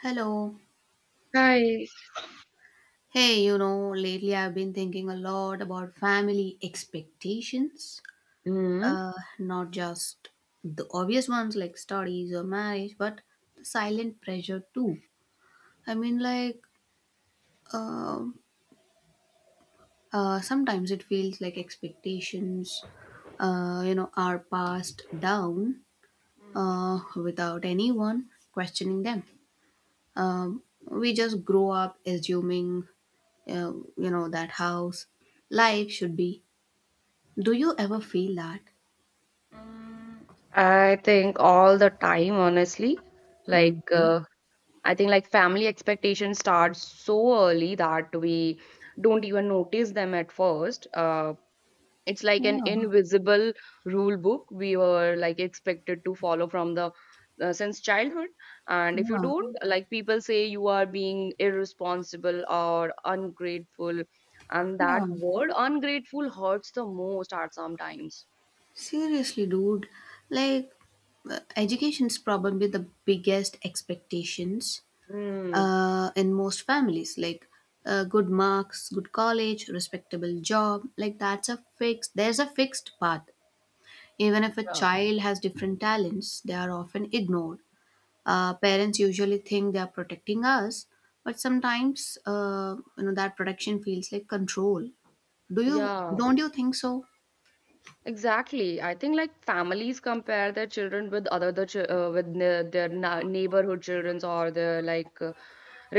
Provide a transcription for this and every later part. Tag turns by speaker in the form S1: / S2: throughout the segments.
S1: Hello.
S2: Hi.
S1: Hey, you know, lately I've been thinking a lot about family expectations.
S2: Mm.
S1: Uh, not just the obvious ones like studies or marriage, but the silent pressure too. I mean, like, um, sometimes it feels like expectations, you know, are passed down
S2: Mm.
S1: without anyone questioning them. We just grow up assuming you know that house life should be do you ever feel that.
S2: Mm, I think all the time, honestly.
S1: Mm.
S2: Like, I think like family expectations start so early that we don't even notice them at first. It's like an
S1: Yeah,
S2: invisible rule book we were like expected to follow from the since childhood. And if you
S1: yeah,
S2: don't, like, people say you are being irresponsible or ungrateful. And that
S1: yeah,
S2: word ungrateful hurts the most at sometimes.
S1: seriously dude, like education is probably the biggest expectations
S2: Mm.
S1: in most families, like good marks, good college, respectable job, like that's a fixed there's a fixed path. Even if a
S2: Yeah.
S1: child has different talents, they are often ignored. Parents usually think they are protecting us, but sometimes you know that protection feels like control. Do you
S2: Yeah,
S1: don't you think so?
S2: exactly. I think like families compare their children with other the ch with ne their na neighborhood childrens or their like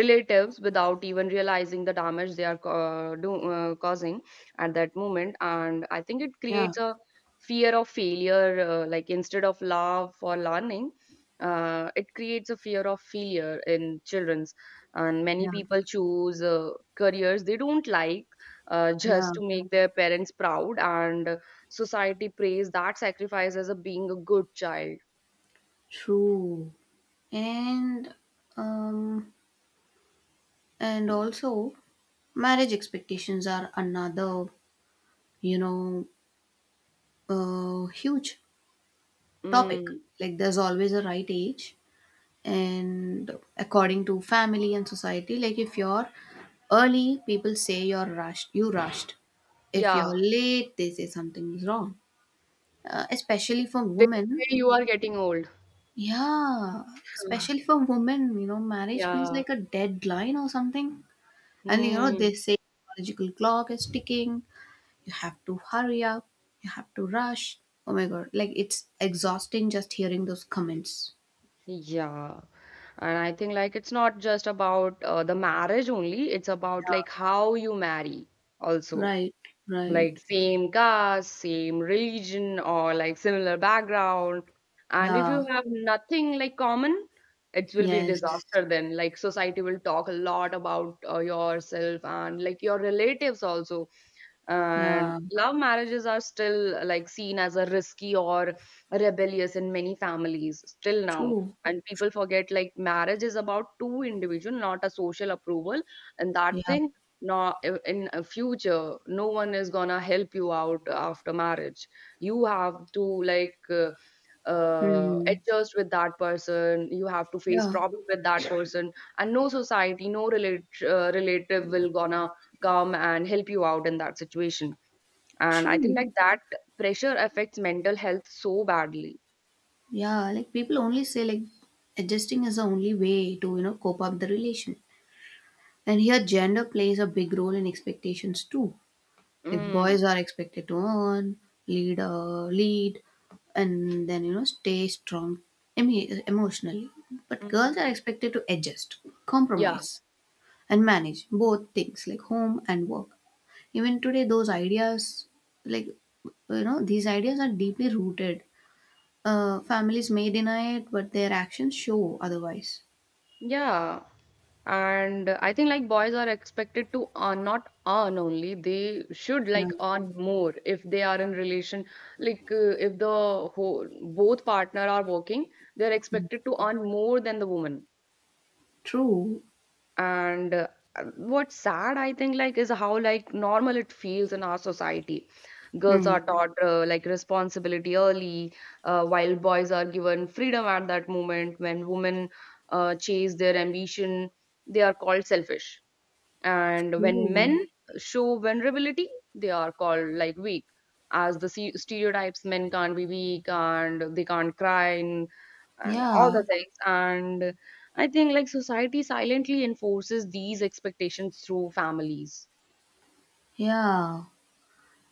S2: relatives without even realizing the damage they are causing at that moment. And I think it
S1: Yeah,
S2: creates a fear of failure, like instead of love for learning. It creates a fear of failure in children's, and many
S1: yeah,
S2: people choose careers they don't like,
S1: yeah.
S2: just to make their parents proud. And society praise that sacrifice as a being a good child.
S1: True. And um and also marriage expectations are another, you know, huge topic.
S2: Mm,
S1: Like there's always a right age, and according to family and society, like if you're early people say you're rushed, you rushed if you're
S2: yeah,
S1: late they say something is wrong. Especially for
S2: they say
S1: women,
S2: you are getting old.
S1: yeah, especially for women, you know, marriage feels
S2: Yeah.
S1: like a deadline or something. And you know
S2: Mm,
S1: they say biological clock is ticking, you have to hurry up, you have to rush. Oh my god, like it's exhausting just hearing those comments.
S2: yeah. And I think it's not just about the marriage only, it's about like how you marry also.
S1: Right, right,
S2: Like same caste, same religion, or like similar background. And if
S1: yeah,
S2: you have nothing like common, it will be a
S1: yes.
S2: disaster then. Like society will talk a lot about yourself and like your relatives also. And
S1: Yeah,
S2: love marriages are still like seen as a risky or rebellious in many families still now.
S1: true.
S2: And people forget like marriage is about two individuals, not a social approval. And that
S1: Yeah.
S2: thing, not in a future no one is gonna help you out after marriage. You have to
S1: Hmm.
S2: adjust with that person, you have to face
S1: Yeah,
S2: problem with that person. And no society, no relative will gonna come and help you out in that situation. And I think
S1: true.
S2: like that pressure affects mental health so badly.
S1: Yeah, like people only say like adjusting is the only way to, you know, cope up the relation. And here gender plays a big role in expectations too. Like boys
S2: Mm,
S1: are expected to earn, lead, and then, you know, stay strong emotionally. But girls are
S2: mm.
S1: expected to adjust,
S2: Yeah,
S1: compromise, and manage both things like home and work. Even today, like, you know, these ideas are deeply rooted. Families may deny it, but their actions show otherwise.
S2: yeah. And I think like boys are expected to earn, not earn only. They should
S1: Yeah.
S2: like earn more if they are in relation. If the whole, both partner are working, they're expected to earn more than the woman.
S1: True.
S2: And what's sad I think like is how like normal it feels in our society. Girls
S1: Hmm.
S2: are taught like responsibility early, while boys are given freedom. At that moment when women chase their ambition, they are called selfish. And when men
S1: True.
S2: show vulnerability they are called like weak, as the stereotypes men can't be weak and they can't cry in and all
S1: Yeah.
S2: the things. And I think like society silently enforces these expectations through families.
S1: Yeah.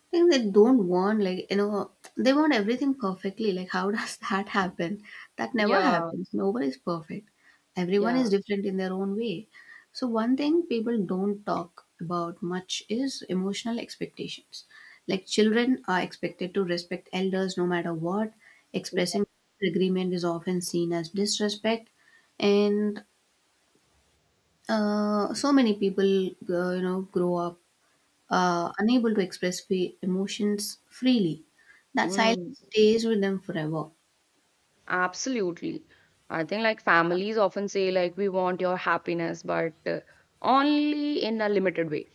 S1: I think they don't want like you know they want everything perfectly, like how does that happen. That never
S2: Yeah,
S1: happens, nobody is perfect. Everyone is
S2: yeah.
S1: different in their own way. So one thing people don't talk about much is emotional expectations. Like children are expected to respect elders no matter what. Expressing disagreement is often seen as disrespect. And so many people you know grow up unable to express emotions freely. That
S2: Mm,
S1: silence stays with them forever.
S2: absolutely. I think like families often say like we want your happiness, but only in a limited way.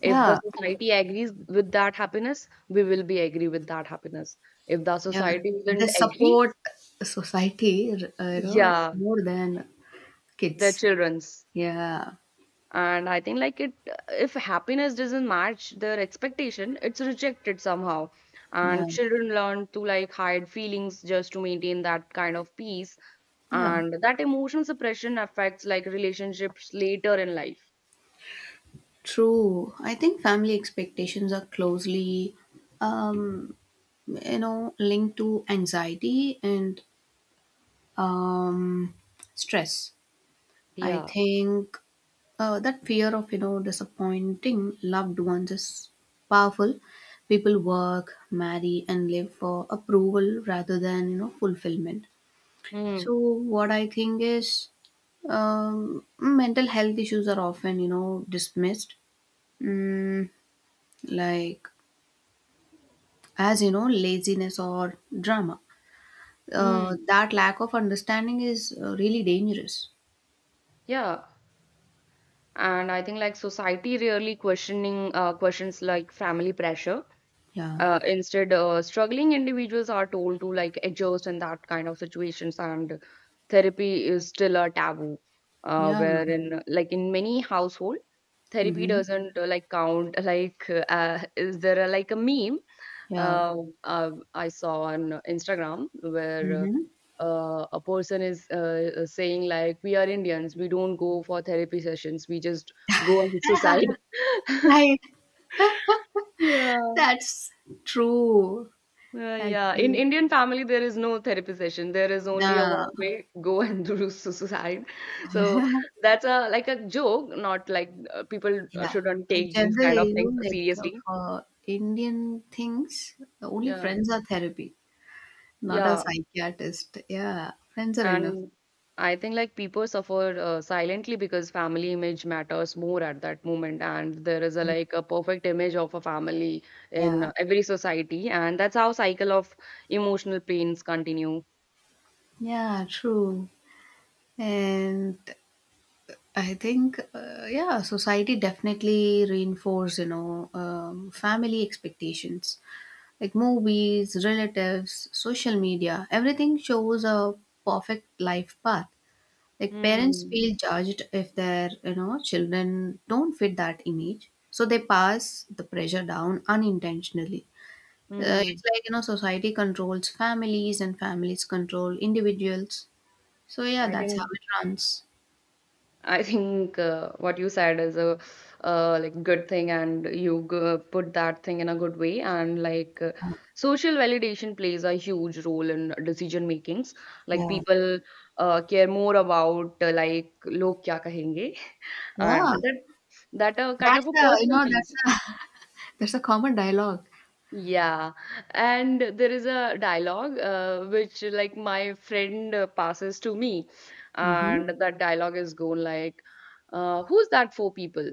S2: If the
S1: Yeah,
S2: society agrees with that happiness, we will be agree with that happiness. If the
S1: yeah.
S2: society
S1: They
S2: doesn't agree,
S1: support society, you know,
S2: yeah,
S1: more than
S2: the
S1: kids.
S2: children's.
S1: Yeah,
S2: And I think like it if happiness doesn't match their expectation it's rejected somehow.
S1: yeah,
S2: And children learn to like hide feelings just to maintain that kind of peace.
S1: yeah.
S2: And that emotion suppression affects like relationships later in life.
S1: True. I think family expectations are closely, um, you know, linked to anxiety and um, stress. I
S2: Yeah.
S1: think that fear of you know disappointing loved ones is powerful. People work, marry, and live for approval rather than you know fulfillment. So
S2: Mm.
S1: what I think is, mental health issues are often you know dismissed, mm, like as you know laziness or drama. Uh,
S2: Mm.
S1: that lack of understanding is really dangerous.
S2: Yeah, and I think like society really questioning questions like family pressure.
S1: Yeah,
S2: Instead, struggling individuals are told to like adjust in that kind of situations, and therapy is still a taboo.
S1: yeah,
S2: Wherein, like in many household, therapy
S1: mm-hmm.
S2: doesn't like count. Like, is there a, like a meme
S1: Yeah.
S2: uh, I saw on Instagram where
S1: Mm-hmm.
S2: a person is saying like, "We are Indians. We don't go for therapy sessions. We just go and suicide."
S1: Right.
S2: Yeah.
S1: That's true,
S2: Yeah, in
S1: actually.
S2: Indian family there is no therapy session. There is only a
S1: The
S2: one way, go and do suicide. So that's a like a joke, not like people
S1: Yeah,
S2: shouldn't
S1: in
S2: take these
S1: general,
S2: kind of
S1: you
S2: things
S1: know, like
S2: seriously.
S1: for Indian things, the only
S2: Yeah,
S1: friends are therapy, not a
S2: yeah,
S1: psychiatrist. Yeah, friends are enough.
S2: and I think like people suffer silently because family image matters more at that moment, and there is a like a perfect image of a family in
S1: Yeah,
S2: every society, and that's how cycle of emotional pains continue.
S1: yeah, true. And I think, yeah, society definitely reinforce, you know, family expectations, like movies, relatives, social media. Everything shows a perfect life path. Like parents
S2: Mm.
S1: feel judged if their you know children don't fit that image, so they pass the pressure down unintentionally. Uh,
S2: Mm.
S1: it's like you know society controls families and families control individuals. So yeah,
S2: I
S1: that's how
S2: think.
S1: it runs.
S2: I think what you said is a like good thing, and you put that thing in a good way. And social validation plays a huge role in decision makings. Like
S1: Yeah.
S2: people care more about like log kya kahenge, and
S1: Yeah,
S2: that kind
S1: that's
S2: of a
S1: a you
S2: personal
S1: know that's
S2: piece.
S1: a that's a common dialogue.
S2: Yeah, and there is a dialogue which like my friend passes to me,
S1: Mm-hmm.
S2: and that dialogue is going like, "Who's that four people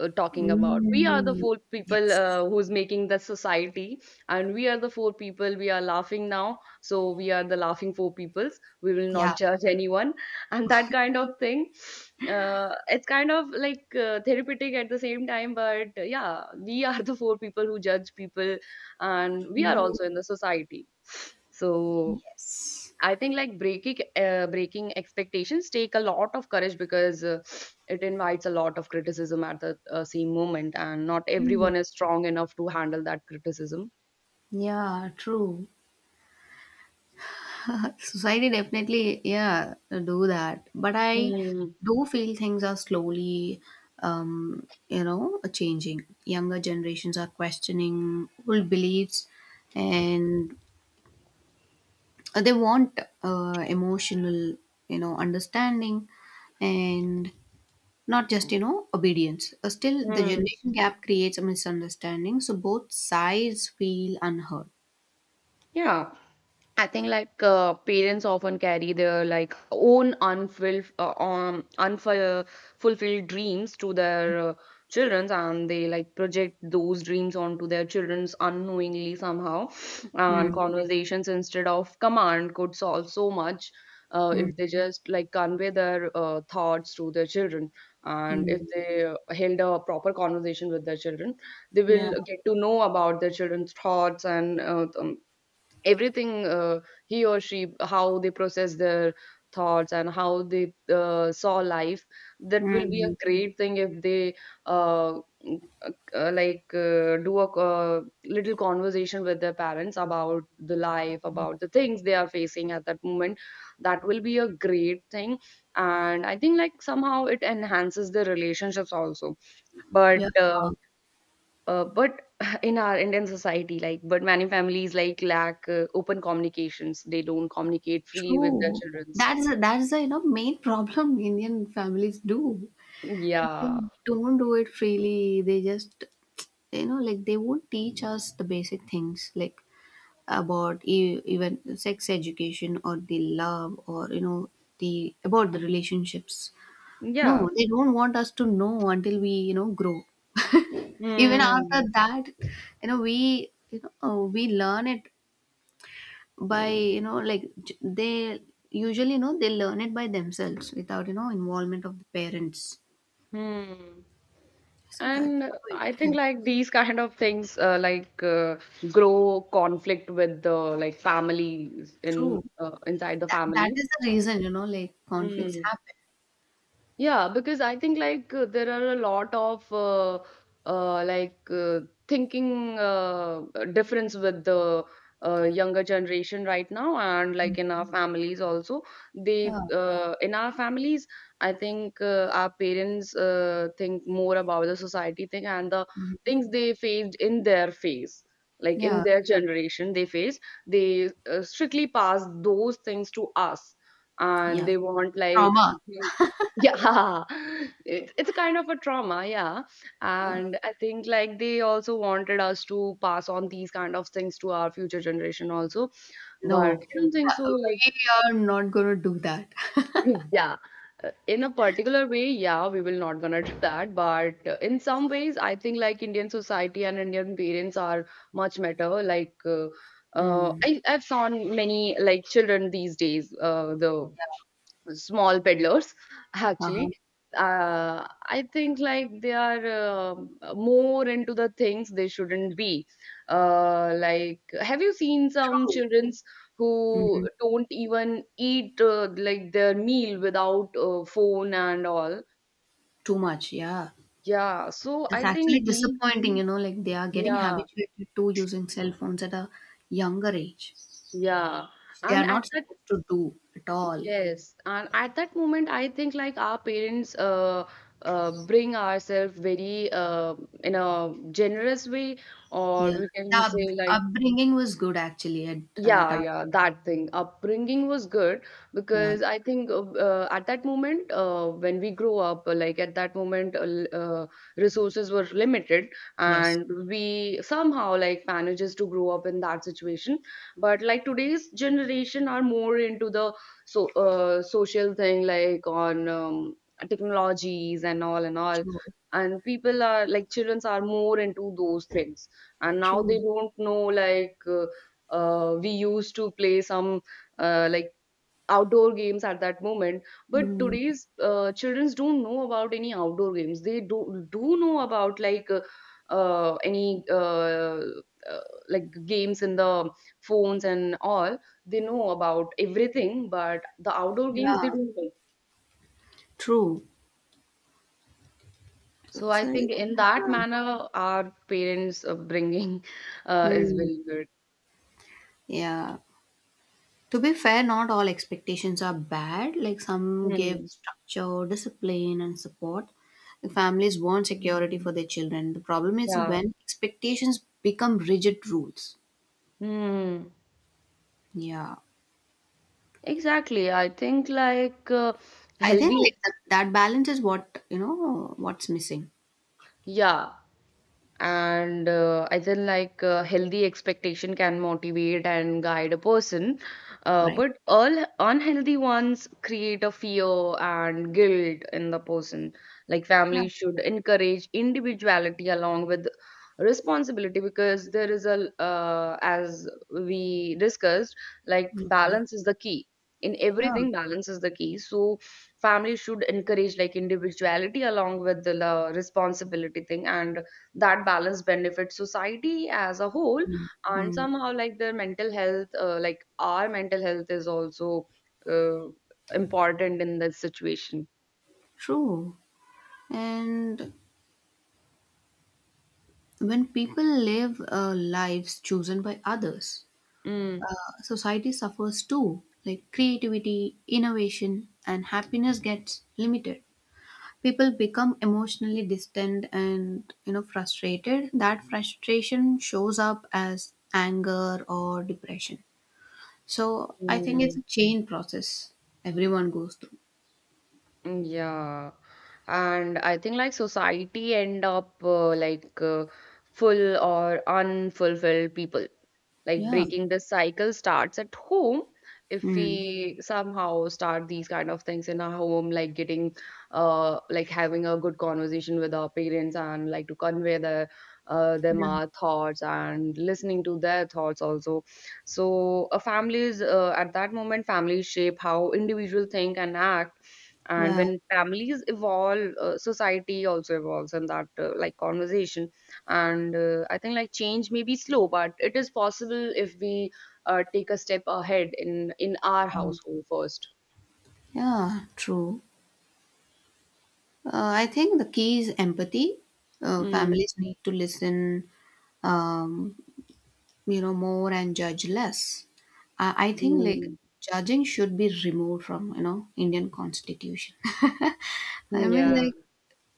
S2: talking about? We are the
S1: Mm,
S2: four people
S1: yes.
S2: who's making the society, and we are the four people. We are laughing now, so we are the laughing four peoples. We will
S1: Yeah.
S2: not judge anyone, and that kind of thing. It's kind of like therapeutic at the same time, but yeah, we are the four people who judge people." And we are
S1: True.
S2: also in the society. So
S1: Yes.
S2: I think like breaking expectations take a lot of courage because it invites a lot of criticism at the same moment. And not
S1: Mm.
S2: everyone is strong enough to handle that criticism.
S1: Yeah. True. Society definitely, yeah, do that. But I
S2: Mm.
S1: do feel things are slowly, you know, changing. Younger generations are questioning old beliefs, and they want emotional, you know, understanding, and not just you know obedience. Still, the
S2: Mm.
S1: generation gap creates a misunderstanding, so both sides feel unheard.
S2: Yeah, I think like parents often carry their like own unfulfilled unfulfilled fulfilled dreams to their children. And they like project those dreams onto their children's unknowingly somehow. And
S1: Mm,
S2: conversations instead of command could solve so much,
S1: mm,
S2: if they just like convey their thoughts to their children. And if
S1: mm.
S2: they held a proper conversation with their children, they
S1: Yeah.
S2: will get to know about their children's thoughts and everything. He or she, how they process their thoughts and how they saw life. That will be
S1: Mm,
S2: a great thing if they uh, do a little conversation with their parents about the life, about the things they are facing at that moment. That will be a great thing. And I think like somehow it enhances the relationships also. but
S1: yeah.
S2: uh, uh, but in our indian society, like, but many families like lack open communications, they don't communicate freely with their
S1: True.
S2: childrens.
S1: That's the you know main problem Indian families do. They
S2: Yeah,
S1: don't do it freely. They just you know like they won't teach us the basic things like about even sex education or the love or you know the about the relationships.
S2: yeah.
S1: No, they don't want us to know until we you know grow. Even after
S2: Hmm.
S1: that, you know we learn it by you know they usually you know they learn it by themselves without you know involvement of the parents.
S2: Hmm.
S1: So that's
S2: And
S1: how it
S2: I think
S1: happens.
S2: like these kind of things, grow conflict with the like families in,
S1: True,
S2: inside the
S1: that
S2: families.
S1: is the reason you know like conflicts
S2: Hmm.
S1: happen.
S2: Yeah, because I think like there are a lot of uh, like uh, thinking difference with the younger generation right now, and like in our, Mm. families also. They
S1: Yeah,
S2: In our families, I think our parents think more about the society thing and the things they faced in their phase. Like in
S1: yeah,
S2: their generation, they faced, they strictly pass those things to us, and
S1: yeah,
S2: they want like,
S1: trauma.
S2: yeah, it's a kind of a trauma, yeah.
S1: Yeah.
S2: And I think like they also wanted us to pass on these kind of things to our future generation also. But I
S1: No.
S2: don't think so. Like,
S1: We are not gonna do that.
S2: yeah, in a particular way, yeah, we will not gonna do that. But in some ways, I think like Indian society and Indian parents are much better. Like,
S1: Hmm.
S2: I've seen many like children these days. The small peddlers
S1: Uh-huh.
S2: actually, I think like they are more into the things they shouldn't be, like have you seen some
S1: True.
S2: childrens who
S1: Hmm.
S2: don't even eat like their meal without phone and all.
S1: Too much, yeah.
S2: Yeah, so
S1: It's
S2: I
S1: actually
S2: think the,
S1: disappointing, you know, like they are getting
S2: yeah,
S1: habituated to using cell phones at a younger age.
S2: yeah,
S1: They are
S2: and at
S1: not
S2: the,
S1: supposed to do at all.
S2: yes, and at that moment, I think like our parents bring ourselves very in a generous way, or
S1: Yeah,
S2: we
S1: the
S2: can say like,
S1: upbringing was good actually at
S2: yeah,
S1: our.
S2: yeah, that thing. Upbringing was good
S1: Yeah.
S2: because I think at that moment, when we grow up, like at that moment, resources were limited,
S1: Yes,
S2: and we somehow like manages to grow up in that situation. But like today's generation are more into the, so social thing, like on technologies and all and all,
S1: true,
S2: and people are like childrens are more into those things, and now they
S1: true.
S2: don't know like. We used to play some uh, like outdoor games at that moment, but
S1: Mm,
S2: today's children don't know about any outdoor games. They do know about uh, any uh, uh, like games in the phones and all. They know about everything but the outdoor games they
S1: yeah,
S2: don't know.
S1: true.
S2: So I
S1: So,
S2: think in that
S1: yeah.
S2: manner our parents upbringing is
S1: Mm,
S2: very good.
S1: yeah. To be fair, not all expectations are bad. Like some give
S2: Hmm.
S1: structure, discipline, and support. The families want security for their children. The problem is
S2: Yeah.
S1: when expectations become rigid rules.
S2: Hmm.
S1: Yeah.
S2: Exactly. I think like
S1: I think like
S2: healthy,
S1: that balance is what you know what's missing,
S2: yeah, and I feel like healthy expectation can motivate and guide a person,
S1: right?
S2: but all unhealthy ones create a fear and guilt in the person. Like
S1: Yeah,
S2: family should encourage individuality along with responsibility, because there is a as we discussed, like
S1: yeah,
S2: balance is the key. In
S1: yeah.
S2: everything balance is the key, so family should encourage like individuality along with the responsibility thing, and that balance benefits society as a whole.
S1: Mm.
S2: And
S1: Mm.
S2: somehow like their mental health, like our mental health is also uh, important in this situation.
S1: True. And when people live lives chosen by others, society suffers too. Like creativity, innovation, and happiness gets limited. People become emotionally distant and you know frustrated. That frustration shows up as anger or depression. So I think it's
S2: Mm.
S1: a chain process everyone goes through.
S2: Yeah, and I think like society end up full or unfulfilled people. Like
S1: Yeah.
S2: breaking the cycle starts at home. If
S1: Mm.
S2: we somehow start these kind of things in our home, like getting, like having a good conversation with our parents and like to convey them
S1: Yeah.
S2: our thoughts and listening to their thoughts also. So, uh, families at that moment, families shape how individuals think and act, and
S1: Yeah.
S2: when families evolve, society also evolves in that like conversation. And I think like change may be slow, but it is possible if we take a step ahead in our
S1: Um,
S2: household first.
S1: yeah. True. Uh, I think the key is empathy. Uh,
S2: Mm,
S1: families need to listen, um, you know, more and judge less. I think like
S2: mm,
S1: judging should be removed from you know Indian Constitution. I mean,
S2: yeah,
S1: like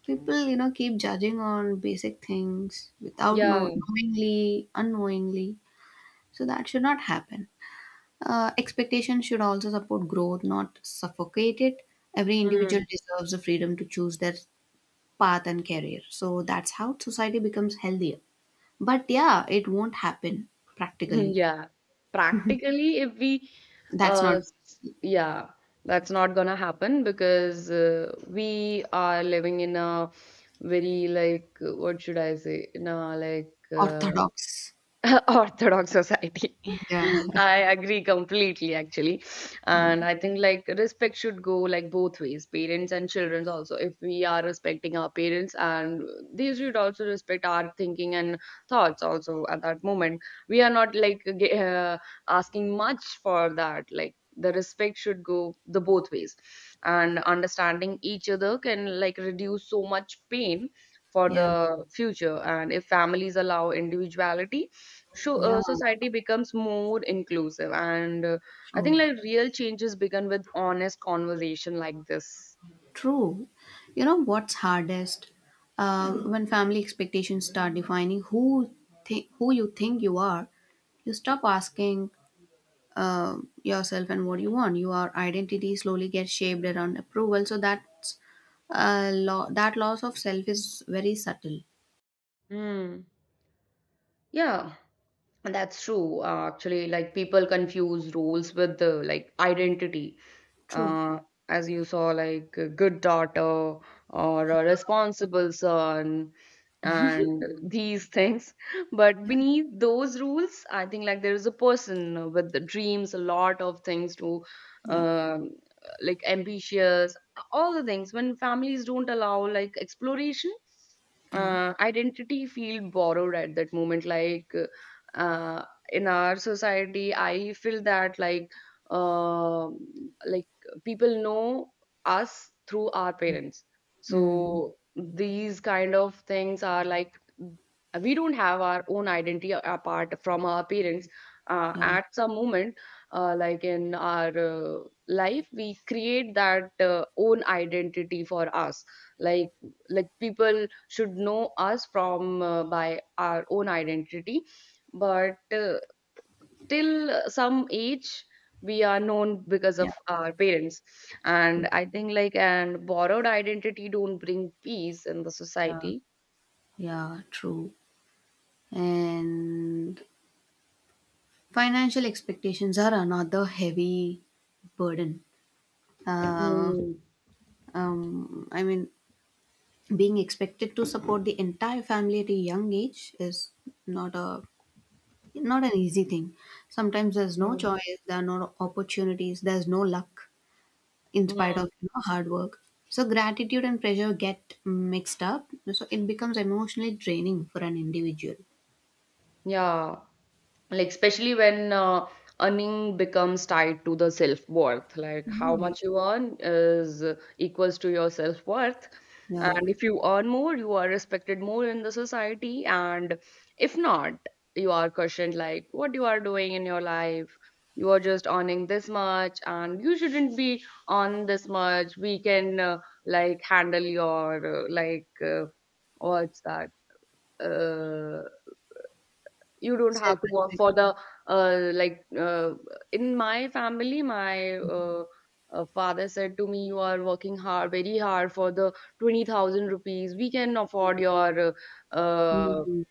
S1: people, you know, keep judging on basic things without
S2: yeah.
S1: knowingly, unknowingly. So that should not happen. Expectations should also support growth, not suffocate it. Every individual
S2: Mm.
S1: deserves the freedom to choose their path and career. So that's how society becomes healthier. But yeah, it won't happen practically.
S2: Yeah, practically, if we,
S1: That's not
S2: yeah, that's not gonna happen because we are living in a very like what should I say, in a like
S1: orthodox.
S2: orthodox society.
S1: Yeah.
S2: Mm. I agree completely, actually.
S1: Yeah.
S2: And I think like respect should go like both ways, parents and children also. If we are respecting our parents, and they should also respect our thinking and thoughts also at that moment. We are not like asking much for that. Like the respect should go the both ways, and understanding each other can like reduce so much pain for
S1: Yeah.
S2: the future. And if families allow individuality, so
S1: Yeah.
S2: society becomes more inclusive and I think
S1: True.
S2: like real changes begin with honest conversation like this.
S1: True. You know what's hardest? When family expectations start defining who you think you are, you stop asking uh, yourself and what you want. Your identity slowly gets shaped around approval. So that's that loss of self is very subtle.
S2: Hmm. Yeah, that's true. Actually, like people confuse roles with the like identity.
S1: True.
S2: Uh, as you saw, like a good daughter or a responsible son, and these things. But
S1: Yeah.
S2: beneath those rules, I think like there is a person with the dreams, a lot of things to,
S1: Yeah.
S2: um, like ambitious, all the things. When families don't allow like exploration,
S1: Yeah.
S2: identity feel borrowed at that moment, like uh, in our society I feel that uh, like people know us through our parents,
S1: Mm,
S2: so these kind of things are like we don't have our own identity apart from our parents,
S1: yeah,
S2: at some moment, like in our life we create that own identity for us, like like people should know us from by our own identity, but till some age we are known because
S1: yeah,
S2: of our parents,
S1: true.
S2: and I think like and borrowed identity don't bring peace in the
S1: Yeah,
S2: society.
S1: yeah, true. And financial expectations are another heavy burden. Uh,
S2: Mm.
S1: I mean, being expected to support the entire family at a young age is not a not an easy thing. Sometimes there's no
S2: Mm.
S1: choice, there are no opportunities, there's no luck in spite
S2: Mm.
S1: of you know hard work. So gratitude and pressure get mixed up. So it becomes emotionally draining for an individual.
S2: Yeah. Like especially when earning becomes tied to the self worth, like how
S1: Right.
S2: much you earn is equals to your self worth.
S1: Yeah.
S2: And if you earn more you are respected more in the society, and if not, you are questioned, like what you are doing in your life, you are just earning this much and you shouldn't be, on this much we can like handle your what's that, uh, you don't
S1: Self
S2: have to work
S1: respect.
S2: for the, uh, like uh, in my family, my father said to me, "You are working hard, very hard for the 20,000 rupees. We can afford your uh,
S1: Mm.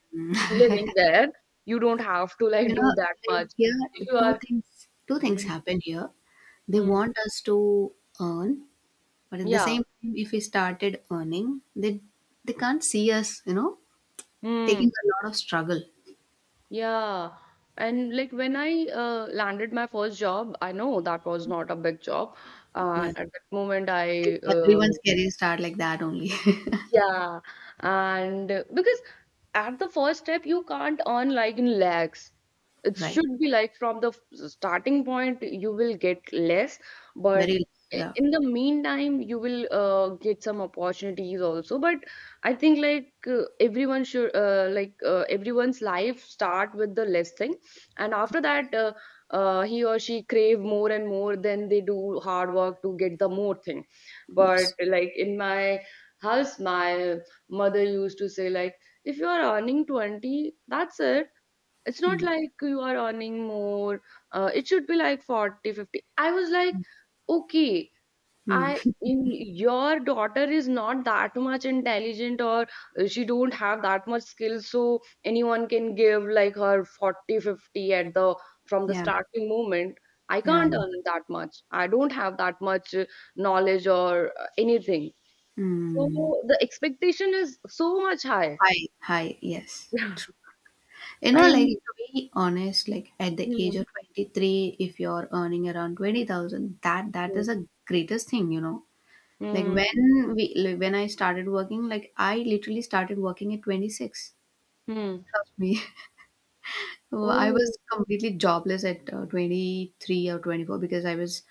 S2: living there. You don't have to
S1: You
S2: like do
S1: know,
S2: that
S1: like
S2: much.
S1: here
S2: If you
S1: two
S2: are,
S1: things two things
S2: Mm,
S1: happen here. They
S2: mm,
S1: want us to earn, but at the
S2: yeah,
S1: same time if we started earning, they can't see us, you know, taking
S2: mm,
S1: a lot of struggle.
S2: yeah." And like when I landed my first job, I know that was not a big job.
S1: Yeah.
S2: And at that moment, I
S1: Everyone's career start like that only.
S2: Yeah, and because at the first step you can't earn like in lakhs. It
S1: Right.
S2: should be like from the starting point, you will get less, but
S1: Very, yeah.
S2: in the meantime, you will get some opportunities also. But I think like everyone should everyone's life start with the less thing, and after that, he or she crave more and more. Then they do hard work to get the more thing. But
S1: Yes.
S2: like in my house, my mother used to say like, if you are earning 20, that's it, it's not
S1: Mm.
S2: like you are earning more, it should be like 40, 50. I was like okay, I
S1: Mm.
S2: in your daughter is not that much intelligent or she don't have that much skill, so anyone can give like her 40, 50 at the from the
S1: Yeah.
S2: starting moment. I
S1: Yeah.
S2: can't earn that much, I don't have that much knowledge or anything,
S1: Mm.
S2: so the expectation is so much high.
S1: High. High. Yes. True. You know, like
S2: And
S1: to be honest, like at the
S2: Hmm.
S1: age of 23, if you're earning around 20,000, that
S2: Hmm.
S1: is the greatest thing, you know. Like
S2: Hmm.
S1: when I started working, like I literally started working at 26.
S2: Hmm.
S1: Trust me. I
S2: Oh,
S1: was completely jobless at 23 or 24 because I was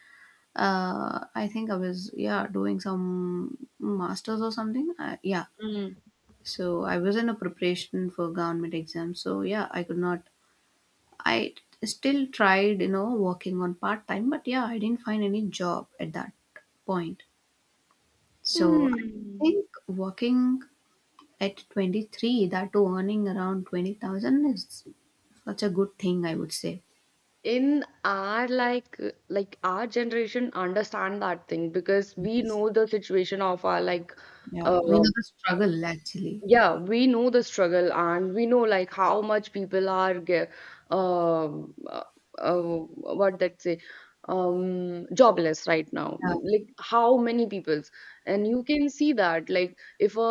S1: uh, I think I was yeah doing some masters or something. Yeah,
S2: mm.
S1: so I was in a preparation for government exam. So yeah, I could not. I still tried you know working on part time, but yeah, I didn't find any job at that point. So I
S2: Hmm.
S1: think working at 23, that to earning around 20,000 is such a good thing, I would say.
S2: In our like our generation understand that thing because we know the situation of our like
S1: Yeah, we
S2: uh,
S1: know the struggle actually.
S2: yeah, we know the struggle, and we know like how much people are um uh, what that say, um, jobless right now.
S1: Yeah.
S2: Like how many people's. And you can see that like if a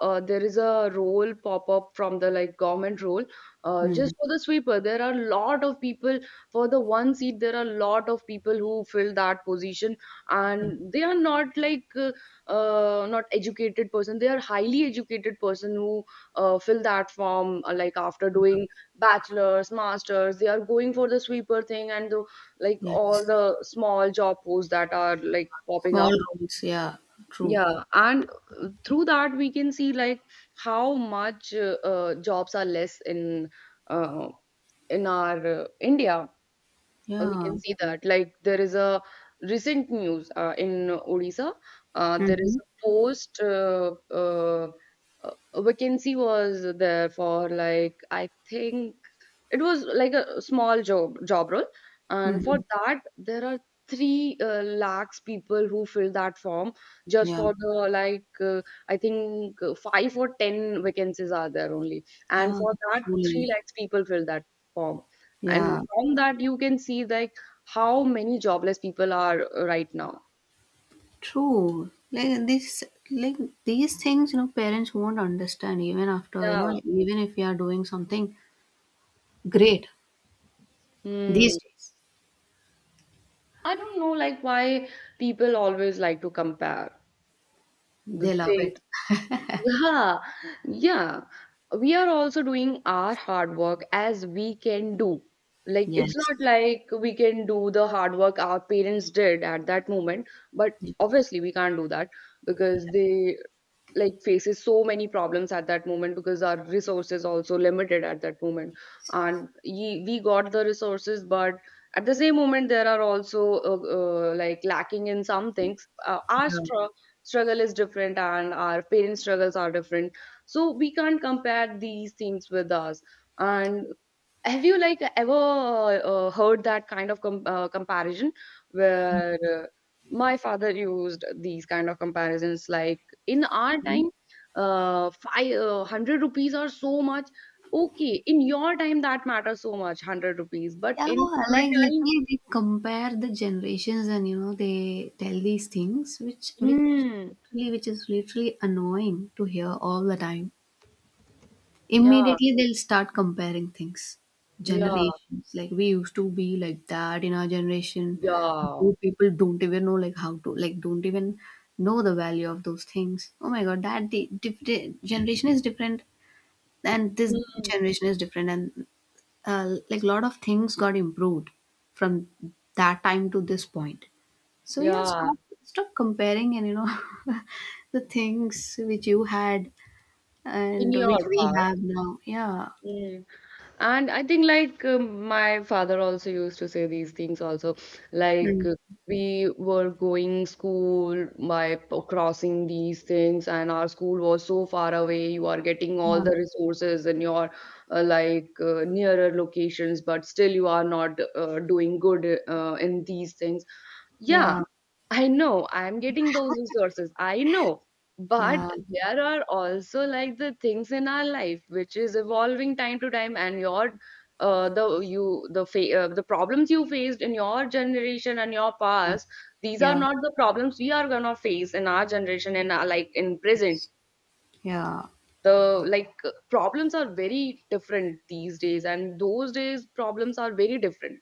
S2: there is a role pop up from the like government role,
S1: Mm.
S2: just for the sweeper, there are a lot of people, for the one seat there are a lot of people who fill that position,
S1: Yes.
S2: and they are not like not educated person, they are highly educated person who fill that form like after doing bachelor's masters, they are going for the sweeper thing and the, like all
S1: Yes.
S2: the small job posts that are like popping
S1: Small
S2: up.
S1: rooms, yeah, true.
S2: Yeah. And through that we can see like how much jobs are less uh, in our india. We
S1: Yeah.
S2: can see that like there is a recent news in Odisha, there is
S1: Mm-hmm.
S2: a post vacancy was there for like I think it was like a small job role, and for
S1: Mm-hmm.
S2: that there are three lakhs people who fill that form just
S1: Yeah.
S2: for the like I think 5 or 10 vacancies are there only, and
S1: Yeah,
S2: for that three
S1: truly.
S2: lakhs people fill that form, and
S1: Yeah,
S2: from that you can see like how many jobless people are right now.
S1: true. Like this, like these things, you know, parents won't understand even after, you know,
S2: Yeah.
S1: even if we are doing something great these
S2: Hmm.
S1: days,
S2: I don't know, like, why people always like to compare the
S1: they love
S2: thing.
S1: it.
S2: Yeah, yeah. We are also doing our hard work as we can do. Like, it's
S1: Yes.
S2: not like we can do the hard work our parents did at that moment, but
S1: Yes.
S2: obviously we can't do that because they like faces so many problems at that moment, because our resources also limited at that moment. And ye, we got the resources, but at the same moment there are also like lacking in some things. uh, our
S1: Yeah.
S2: str- struggle is different and our parents struggles are different, so we can't compare these things with us. And have you like ever heard that kind of comparison, where my father used these kind of comparisons like in our
S1: True.
S2: time uh, 100 rupees are so much. Okay, in your time that matters so much, 100 rupees, but
S1: Yeah,
S2: in our
S1: like
S2: time.
S1: literally they compare the generations and you know they tell these things which which
S2: Mm,
S1: literally which is literally annoying to hear all the time.
S2: yeah,
S1: Immediately they'll start comparing things,
S2: yeah,
S1: generations. Like we used to be like that in our generation.
S2: yeah,
S1: You people don't even know like how to like don't even know the value of those things. Oh my god, that the different generation is different, and this
S2: mm,
S1: generation is different, and like a lot of things got improved from that time to this point. So yeah,
S2: yeah,
S1: stop comparing and you know the things which you had
S2: in
S1: and which
S2: your
S1: we have
S2: past.
S1: now. Yeah,
S2: Hmm. And I think like my father also used to say these things also, like
S1: mm,
S2: we were going school by crossing these things, and our school was so far away, you are getting all
S1: yeah,
S2: the resources in your nearer locations, but still you are not doing good in these things. Yeah.
S1: yeah,
S2: I know I'm getting those resources. I know. But
S1: yeah,
S2: there are also like the things in our life which is evolving time to time, and your the problems you faced in your generation and your
S1: yeah,
S2: past, these are
S1: yeah,
S2: not the problems we are gonna face in our generation and our, like in present.
S1: yes, yeah,
S2: The like problems are very different these days, and those days problems are very different.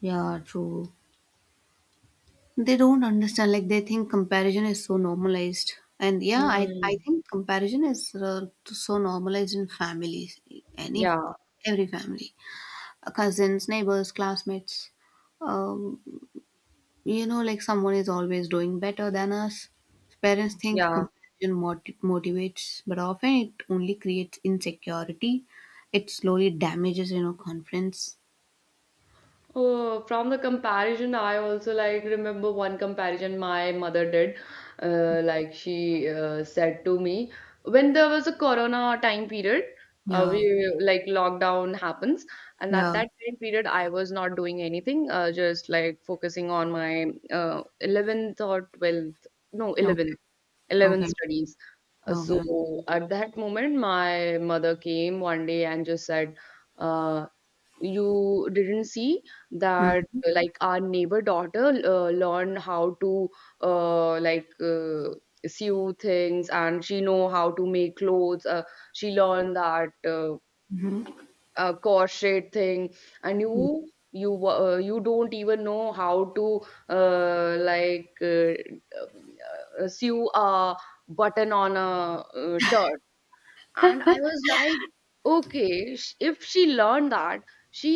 S1: yeah, true. They don't understand. Like they think comparison is so normalized, and yeah, I
S2: Hmm.
S1: think comparison is so normalized in families, any
S2: Yeah,
S1: every family. Cousins, neighbors, classmates. Um, You know, like someone is always doing better than us. Parents think
S2: yeah.
S1: comparison motivates, but often it only creates insecurity. It slowly damages, you know, confidence.
S2: Oh, from the comparison, I also like remember one comparison my mother did. Like she said to me, when there was a corona time period, we
S1: Yeah,
S2: like lockdown happens, and at
S1: yeah.
S2: that time period, I was not doing anything, just like focusing on my 11th or 12th, no,
S1: Okay,
S2: 11th, 11th
S1: okay,
S2: studies. So
S1: okay.
S2: at that moment, my mother came one day and just said, uh, you didn't see that like our neighbor daughter learned how to uh, like uh, sew things, and she know how to make clothes, she learned that
S1: Mm-hmm.
S2: crochet thing, and you you don't even know how to uh, like uh, sew a button on a shirt. And I was like okay, if she learned that, she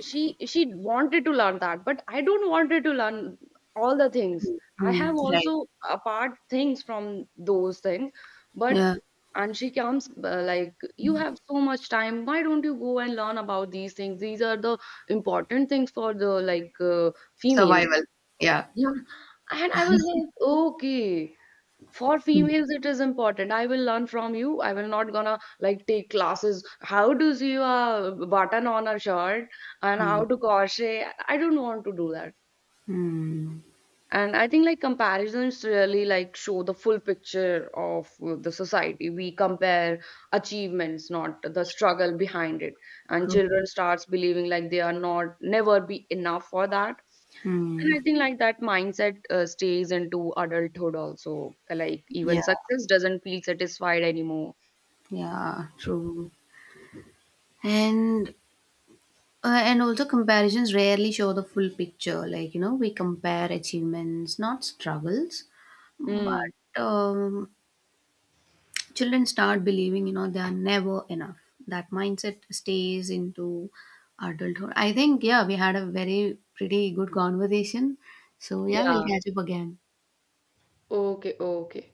S2: she wanted to learn that, but I don't wanted to learn all the things. I
S1: Mm-hmm.
S2: have
S1: Right.
S2: also apart things from those things, but.
S1: Yeah.
S2: And she comes, like, you have so much time, why don't you go and learn about these things, these are the important things for the like females.
S1: Survival. Yeah.
S2: Yeah. And I was like okay, for females it is important, I will learn from you, I will not gonna like take classes how to sew a button on a shirt and how
S1: Mm-hmm.
S2: to crochet, I don't want to do that.
S1: Mm-hmm.
S2: And I think like comparisons really like show the full picture of the society, we compare achievements not the struggle behind it, and
S1: True.
S2: children starts believing like they are not never be enough for that.
S1: Mm.
S2: And I think like that mindset stays into adulthood also. Like
S1: Yeah.
S2: even success doesn't feel satisfied anymore.
S1: Yeah. True. And and also, comparisons rarely show the full picture. Like, you know, we compare achievements, not struggles.
S2: Hmm.
S1: But um, children start believing, you know, they are never enough. That mindset stays into adulthood. I think, yeah, we had a very pretty good conversation. So, yeah, we'll
S2: Yeah.
S1: catch up again.
S2: Okay, okay.